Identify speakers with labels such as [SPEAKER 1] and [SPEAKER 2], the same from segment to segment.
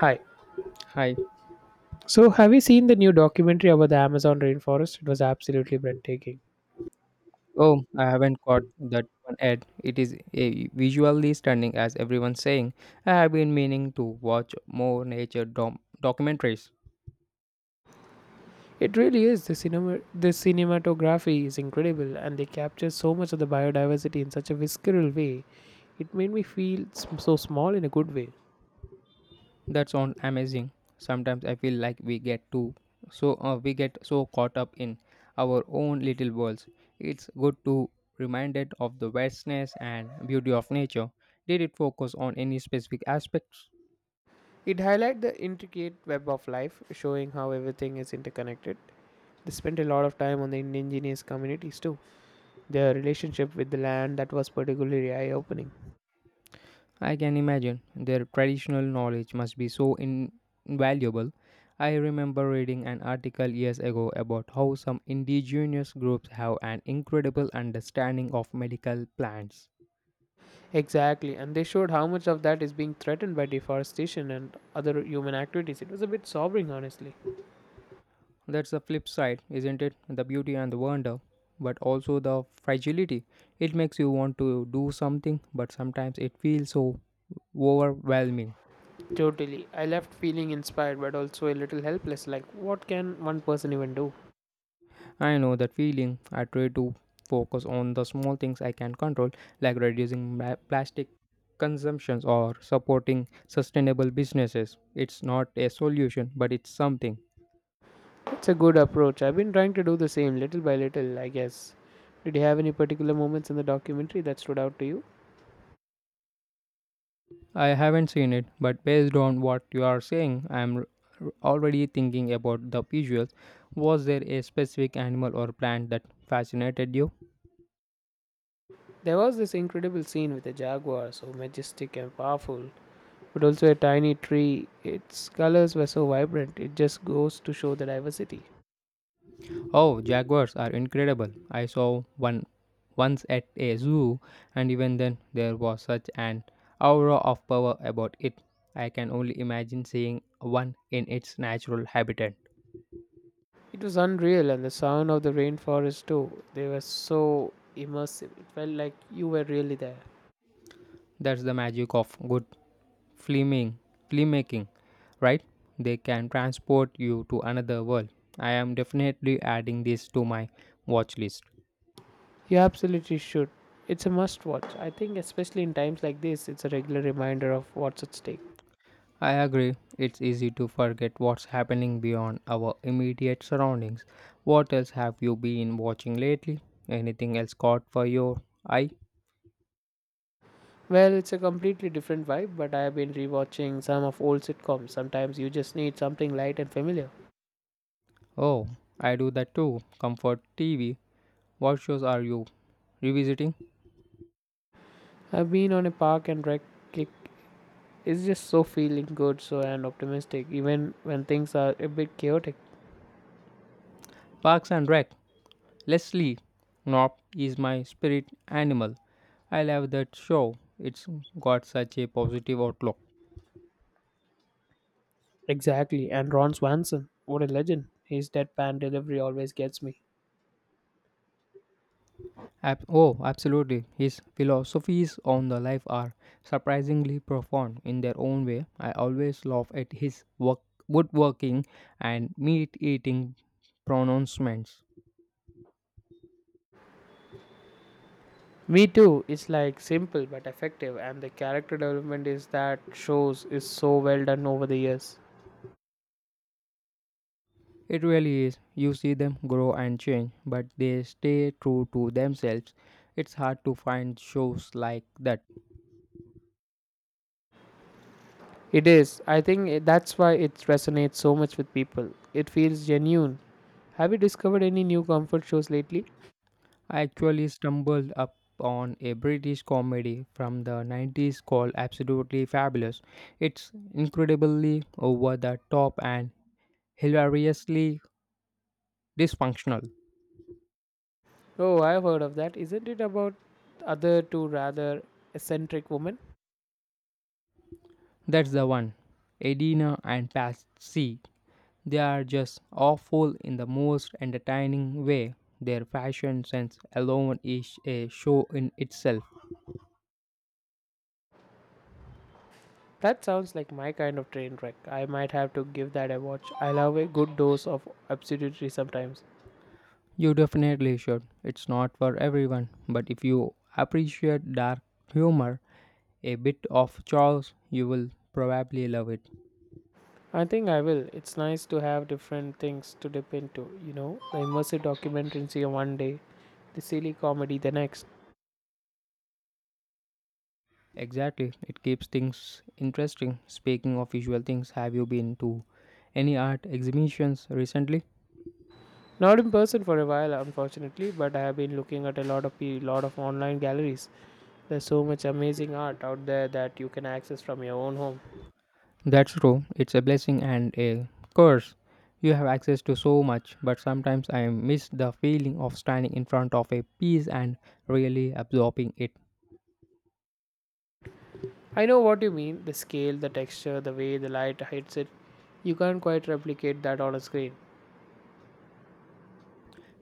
[SPEAKER 1] Hi.
[SPEAKER 2] Hi.
[SPEAKER 1] So, have you seen the new documentary about the Amazon rainforest? It was absolutely breathtaking.
[SPEAKER 2] Oh, I haven't caught that one ad. It is a visually stunning, as everyone's saying. I have been meaning to watch more nature documentaries.
[SPEAKER 1] It really is. The cinematography is incredible, and they capture so much of the biodiversity in such a visceral way. It made me feel so small in a good way.
[SPEAKER 2] That sounds amazing. Sometimes I feel like we get too so we get so caught up in our own little worlds. It's good to reminded of the vastness and beauty of nature. Did it focus on any specific aspects?
[SPEAKER 1] It highlighted the intricate web of life, showing how everything is interconnected. They spent a lot of time on the indigenous communities too. Their relationship with the land, that was particularly eye-opening.
[SPEAKER 2] I can imagine their traditional knowledge must be so invaluable. I remember reading an article years ago about how some indigenous groups have an incredible understanding of medical plants.
[SPEAKER 1] Exactly, and they showed how much of that is being threatened by deforestation and other human activities. It was a bit sobering, honestly.
[SPEAKER 2] That's the flip side, isn't it? The beauty and the wonder, but also the fragility. It makes you want to do something, but sometimes it feels so overwhelming.
[SPEAKER 1] Totally. I left feeling inspired but also a little helpless, like, what can one person even do?
[SPEAKER 2] I know that feeling. I try to focus on the small things I can control, like reducing plastic consumptions or supporting sustainable businesses. It's not a solution, but it's something.
[SPEAKER 1] It's a good approach. I've been trying to do the same, little by little, I guess. Did you have any particular moments in the documentary that stood out to you?
[SPEAKER 2] I haven't seen it, but based on what you are saying, already thinking about the visuals. Was there a specific animal or plant that fascinated you?
[SPEAKER 1] There was this incredible scene with a jaguar, so majestic and powerful, but also a tiny tree. Its colors were so vibrant, it just goes to show the diversity.
[SPEAKER 2] Oh, jaguars are incredible. I saw one once at a zoo, and even then, there was such an aura of power about it. I can only imagine seeing one in its natural habitat.
[SPEAKER 1] It was unreal, and the sound of the rainforest too. They were so immersive. It felt like you were really there.
[SPEAKER 2] That's the magic of good filming, filmmaking, right? They can transport you to another world. I am definitely adding this to my watch list.
[SPEAKER 1] You absolutely should. It's a must watch. I think, especially in times like this, it's a regular reminder of what's at stake.
[SPEAKER 2] I agree, it's easy to forget what's happening beyond our immediate surroundings. What else have you been watching lately? Anything else caught for your eye?
[SPEAKER 1] Well, it's a completely different vibe, but I have been rewatching some of old sitcoms. Sometimes you just need something light and familiar.
[SPEAKER 2] Oh, I do that too. Comfort TV. What shows are you revisiting?
[SPEAKER 1] I've been on a park and rec kick. It's just so feeling good, so and optimistic, even when things are a bit chaotic.
[SPEAKER 2] Parks and Rec. Leslie Knopp is my spirit animal. I love that show. It's got such a positive outlook.
[SPEAKER 1] Exactly. And Ron Swanson, what a legend. His deadpan delivery always gets me.
[SPEAKER 2] Oh, absolutely. His philosophies on the life are surprisingly profound in their own way. I always laugh at his woodworking and meat eating pronouncements.
[SPEAKER 1] Me too. It's like simple but effective, and the character development is that shows is so well done over the years.
[SPEAKER 2] It really is. You see them grow and change, but they stay true to themselves. It's hard to find shows like that.
[SPEAKER 1] It is. I think that's why it resonates so much with people. It feels genuine. Have you discovered any new comfort shows lately?
[SPEAKER 2] I actually stumbled upon a British comedy from the 90s called Absolutely Fabulous. It's incredibly over the top and hilariously dysfunctional.
[SPEAKER 1] Oh, I've heard of that. Isn't it about other two rather eccentric women?
[SPEAKER 2] That's the one. Edina and Patsy. They are just awful in the most entertaining way. Their fashion sense alone is a show in itself.
[SPEAKER 1] That sounds like my kind of train wreck. I might have to give that a watch. I love a good dose of absurdity sometimes.
[SPEAKER 2] You definitely should. It's not for everyone, but if you appreciate dark humor, a bit of Charles, you will probably love it.
[SPEAKER 1] I think I will. It's nice to have different things to dip into, you know, the immersive documentary one day, the silly comedy the next.
[SPEAKER 2] Exactly, it keeps things interesting. Speaking of visual things, have you been to any art exhibitions recently?
[SPEAKER 1] Not in person for a while, unfortunately, but I have been looking at a lot of online galleries. There's so much amazing art out there that you can access from your own home.
[SPEAKER 2] That's true. It's a blessing and a curse. You have access to so much, but sometimes I miss the feeling of standing in front of a piece and really absorbing it.
[SPEAKER 1] I know what you mean. The scale, the texture, the way the light hits it. You can't quite replicate that on a screen.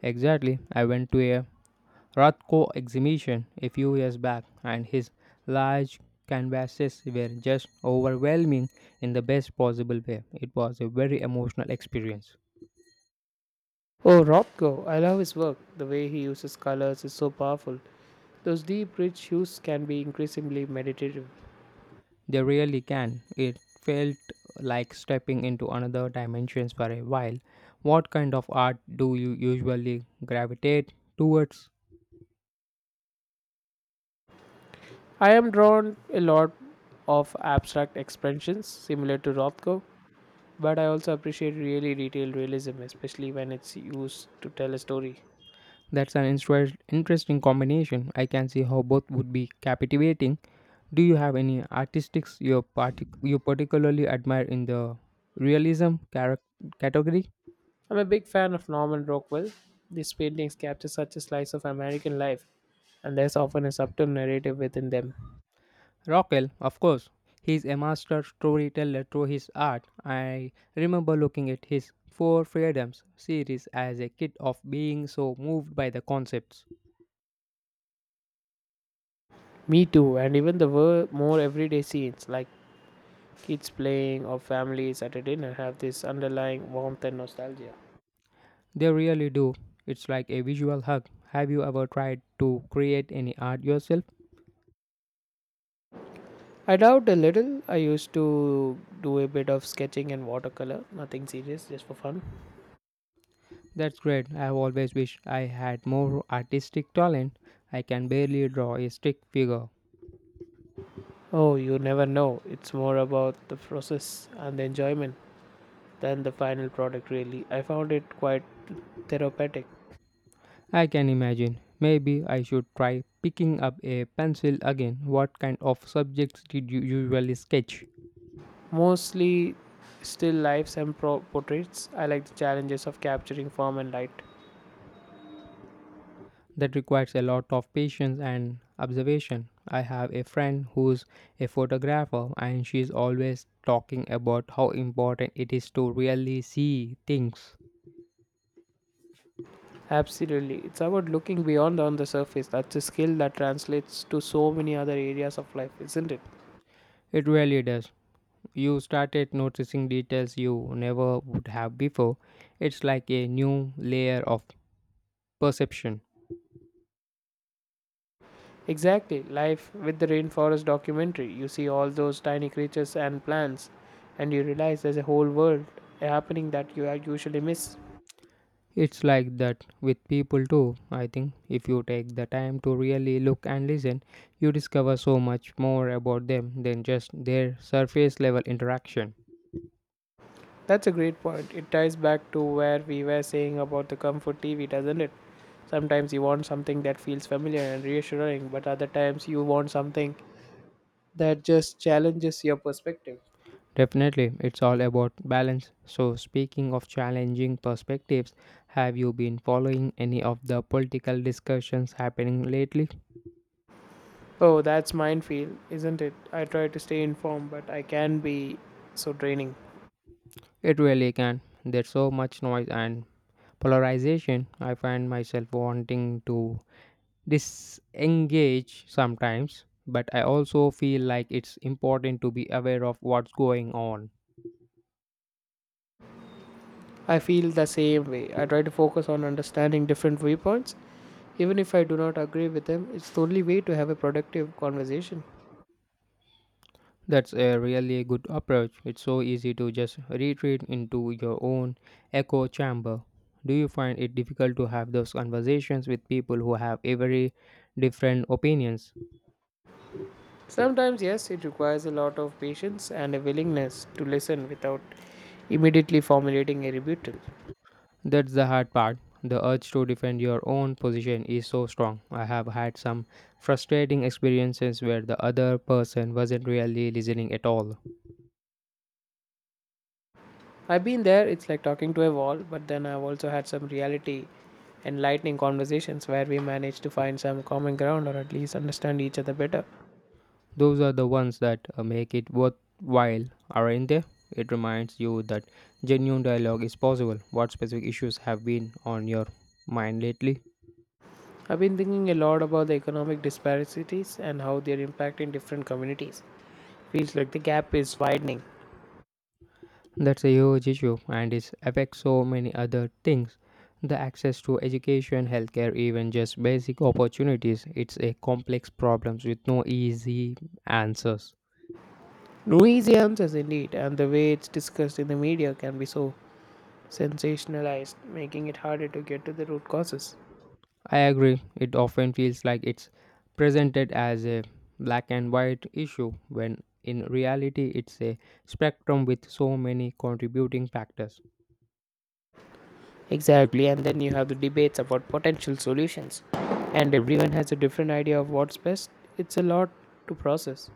[SPEAKER 2] Exactly. I went to a Rothko exhibition a few years back, and his large canvases were just overwhelming in the best possible way. It was a very emotional experience.
[SPEAKER 1] Oh, Rob Go, I love his work. The way he uses colors is so powerful. Those deep, rich hues can be increasingly meditative.
[SPEAKER 2] They really can. It felt like stepping into another dimension for a while. What kind of art do you usually gravitate towards?
[SPEAKER 1] I am drawn a lot of abstract expressions similar to Rothko, but I also appreciate really detailed realism, especially when it's used to tell a story.
[SPEAKER 2] That's an interesting combination. I can see how both would be captivating. Do you have any artistics you, you particularly admire in the realism category?
[SPEAKER 1] I'm a big fan of Norman Rockwell. These paintings capture such a slice of American life, and there's often a subtle narrative within them.
[SPEAKER 2] Rockwell, of course. He's a master storyteller through his art. I remember looking at his Four Freedoms series as a kid of being so moved by the concepts.
[SPEAKER 1] Me too, and even the more everyday scenes like kids playing, or families at a dinner have this underlying warmth and nostalgia.
[SPEAKER 2] They really do. It's like a visual hug. Have you ever tried to create any art yourself?
[SPEAKER 1] I doubt a little. I used to do a bit of sketching and watercolor, nothing serious, just for fun.
[SPEAKER 2] That's great. I've always wished I had more artistic talent. I can barely draw a stick figure.
[SPEAKER 1] Oh, you never know. It's more about the process and the enjoyment than the final product, really. I found it quite therapeutic.
[SPEAKER 2] I can imagine. Maybe I should try picking up a pencil again. What kind of subjects did you usually sketch?
[SPEAKER 1] Mostly still lifes and portraits. I like the challenges of capturing form and light.
[SPEAKER 2] That requires a lot of patience and observation. I have a friend who's a photographer and she's always talking about how important it is to really see things.
[SPEAKER 1] Absolutely. It's about looking beyond on the surface. That's a skill that translates to so many other areas of life, isn't it?
[SPEAKER 2] It really does. You started noticing details you never would have before. It's like a new layer of perception.
[SPEAKER 1] Exactly. Life with the rainforest documentary. You see all those tiny creatures and plants, and you realize there's a whole world happening that you are usually miss.
[SPEAKER 2] It's like that with people too, I think. If you take the time to really look and listen, you discover so much more about them than just their surface level interaction.
[SPEAKER 1] That's a great point. It ties back to where we were saying about the comfort TV, doesn't it? Sometimes you want something that feels familiar and reassuring, but other times you want something that just challenges your perspective.
[SPEAKER 2] Definitely, it's all about balance. So, speaking of challenging perspectives, have you been following any of the political discussions happening lately?
[SPEAKER 1] Oh, that's minefield, isn't it? I try to stay informed, but I can be so draining.
[SPEAKER 2] It really can. There's so much noise and polarization. I find myself wanting to disengage sometimes, but I also feel like it's important to be aware of what's going on.
[SPEAKER 1] I feel the same way. I try to focus on understanding different viewpoints, even if I do not agree with them. It's the only way to have a productive conversation.
[SPEAKER 2] That's a really good approach. It's so easy to just retreat into your own echo chamber. Do you find it difficult to have those conversations with people who have a very different opinions?
[SPEAKER 1] Sometimes, yes, it requires a lot of patience and a willingness to listen without immediately formulating a rebuttal.
[SPEAKER 2] That's the hard part. The urge to defend your own position is so strong. I have had some frustrating experiences where the other person wasn't really listening at all.
[SPEAKER 1] I've been there, it's like talking to a wall, but then I've also had some reality enlightening conversations where we managed to find some common ground or at least understand each other better.
[SPEAKER 2] Those are the ones that make it worthwhile, aren't they? It reminds you that genuine dialogue is possible. What specific issues have been on your mind lately?
[SPEAKER 1] I've been thinking a lot about the economic disparities and how they're impacting different communities. Feels like the gap is widening.
[SPEAKER 2] That's a huge issue and it affects so many other things. The access to education, healthcare, even just basic opportunities. It's a complex problem with no easy answers.
[SPEAKER 1] No easy answers, indeed, and the way it's discussed in the media can be so sensationalized, making it harder to get to the root causes.
[SPEAKER 2] I agree, it often feels like it's presented as a black and white issue when in reality it's a spectrum with so many contributing factors.
[SPEAKER 1] Exactly, and then you have the debates about potential solutions, and everyone has a different idea of what's best. It's a lot to process.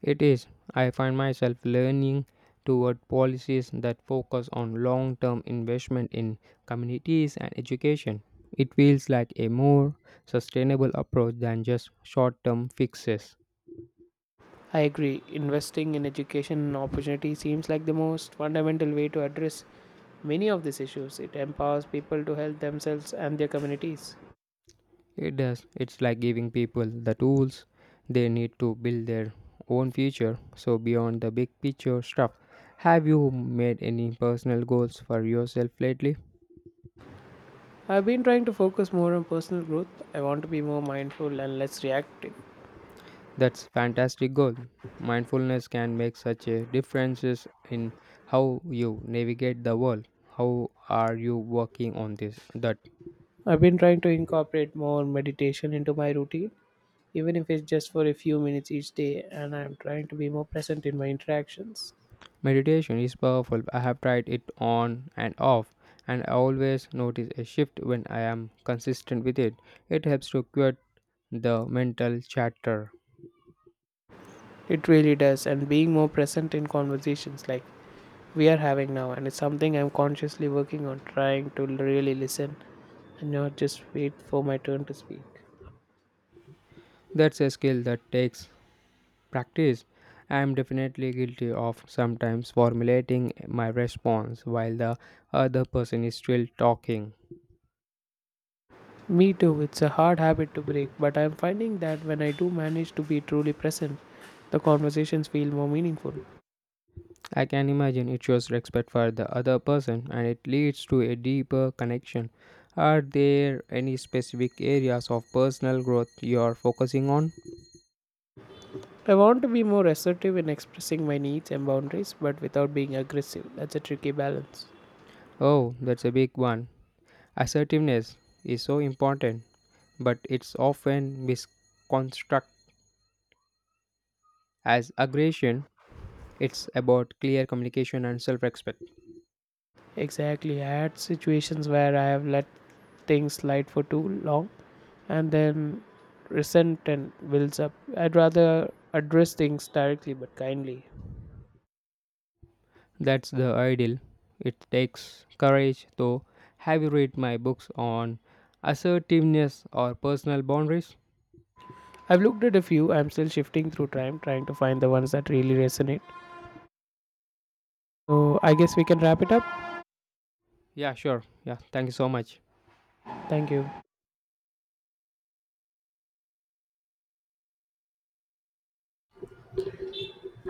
[SPEAKER 2] It is, I find myself leaning toward policies that focus on long term investment in communities and education. It feels like a more sustainable approach than just short term fixes.
[SPEAKER 1] I agree, investing in education and opportunity seems like the most fundamental way to address many of these issues. It empowers people to help themselves and their communities.
[SPEAKER 2] It does. It's like giving people the tools they need to build their own future. So, beyond the big picture stuff, have you made any personal goals for yourself lately?
[SPEAKER 1] I've been trying to focus more on personal growth. I want to be more mindful and less reactive.
[SPEAKER 2] That's fantastic goal. Mindfulness can make such a differences in how you navigate the world. How are you working on this that
[SPEAKER 1] I've been trying to incorporate more meditation into my routine, even if it's just for a few minutes each day, and I'm trying to be more present in my interactions.
[SPEAKER 2] Meditation is powerful. I have tried it on and off, and I always notice a shift when I am consistent with it. It helps to quit the mental chatter.
[SPEAKER 1] It really does, and being more present in conversations like we are having now, and it's something I'm consciously working on, trying to really listen and not just wait for my turn to speak.
[SPEAKER 2] That's a skill that takes practice. I am definitely guilty of sometimes formulating my response while the other person is still talking.
[SPEAKER 1] Me too, it's a hard habit to break, but I'm finding that when I do manage to be truly present, the conversations feel more meaningful.
[SPEAKER 2] I can imagine it shows respect for the other person and it leads to a deeper connection. Are there any specific areas of personal growth you are focusing on?
[SPEAKER 1] I want to be more assertive in expressing my needs and boundaries, but without being aggressive. That's a tricky balance.
[SPEAKER 2] Oh, that's a big one. Assertiveness is so important, but it's often misconstrued as aggression. It's about clear communication and self respect.
[SPEAKER 1] Exactly. I had situations where I have let things slide for too long and then resentment builds up. I'd rather address things directly but kindly.
[SPEAKER 2] That's the ideal. It takes courage, though. Have you read my books on assertiveness or personal boundaries?
[SPEAKER 1] I've looked at a few, I'm still shifting through time, trying to find the ones that really resonate. So I guess we can wrap it up.
[SPEAKER 2] Yeah, sure. Yeah, thank you so much.
[SPEAKER 1] Thank you.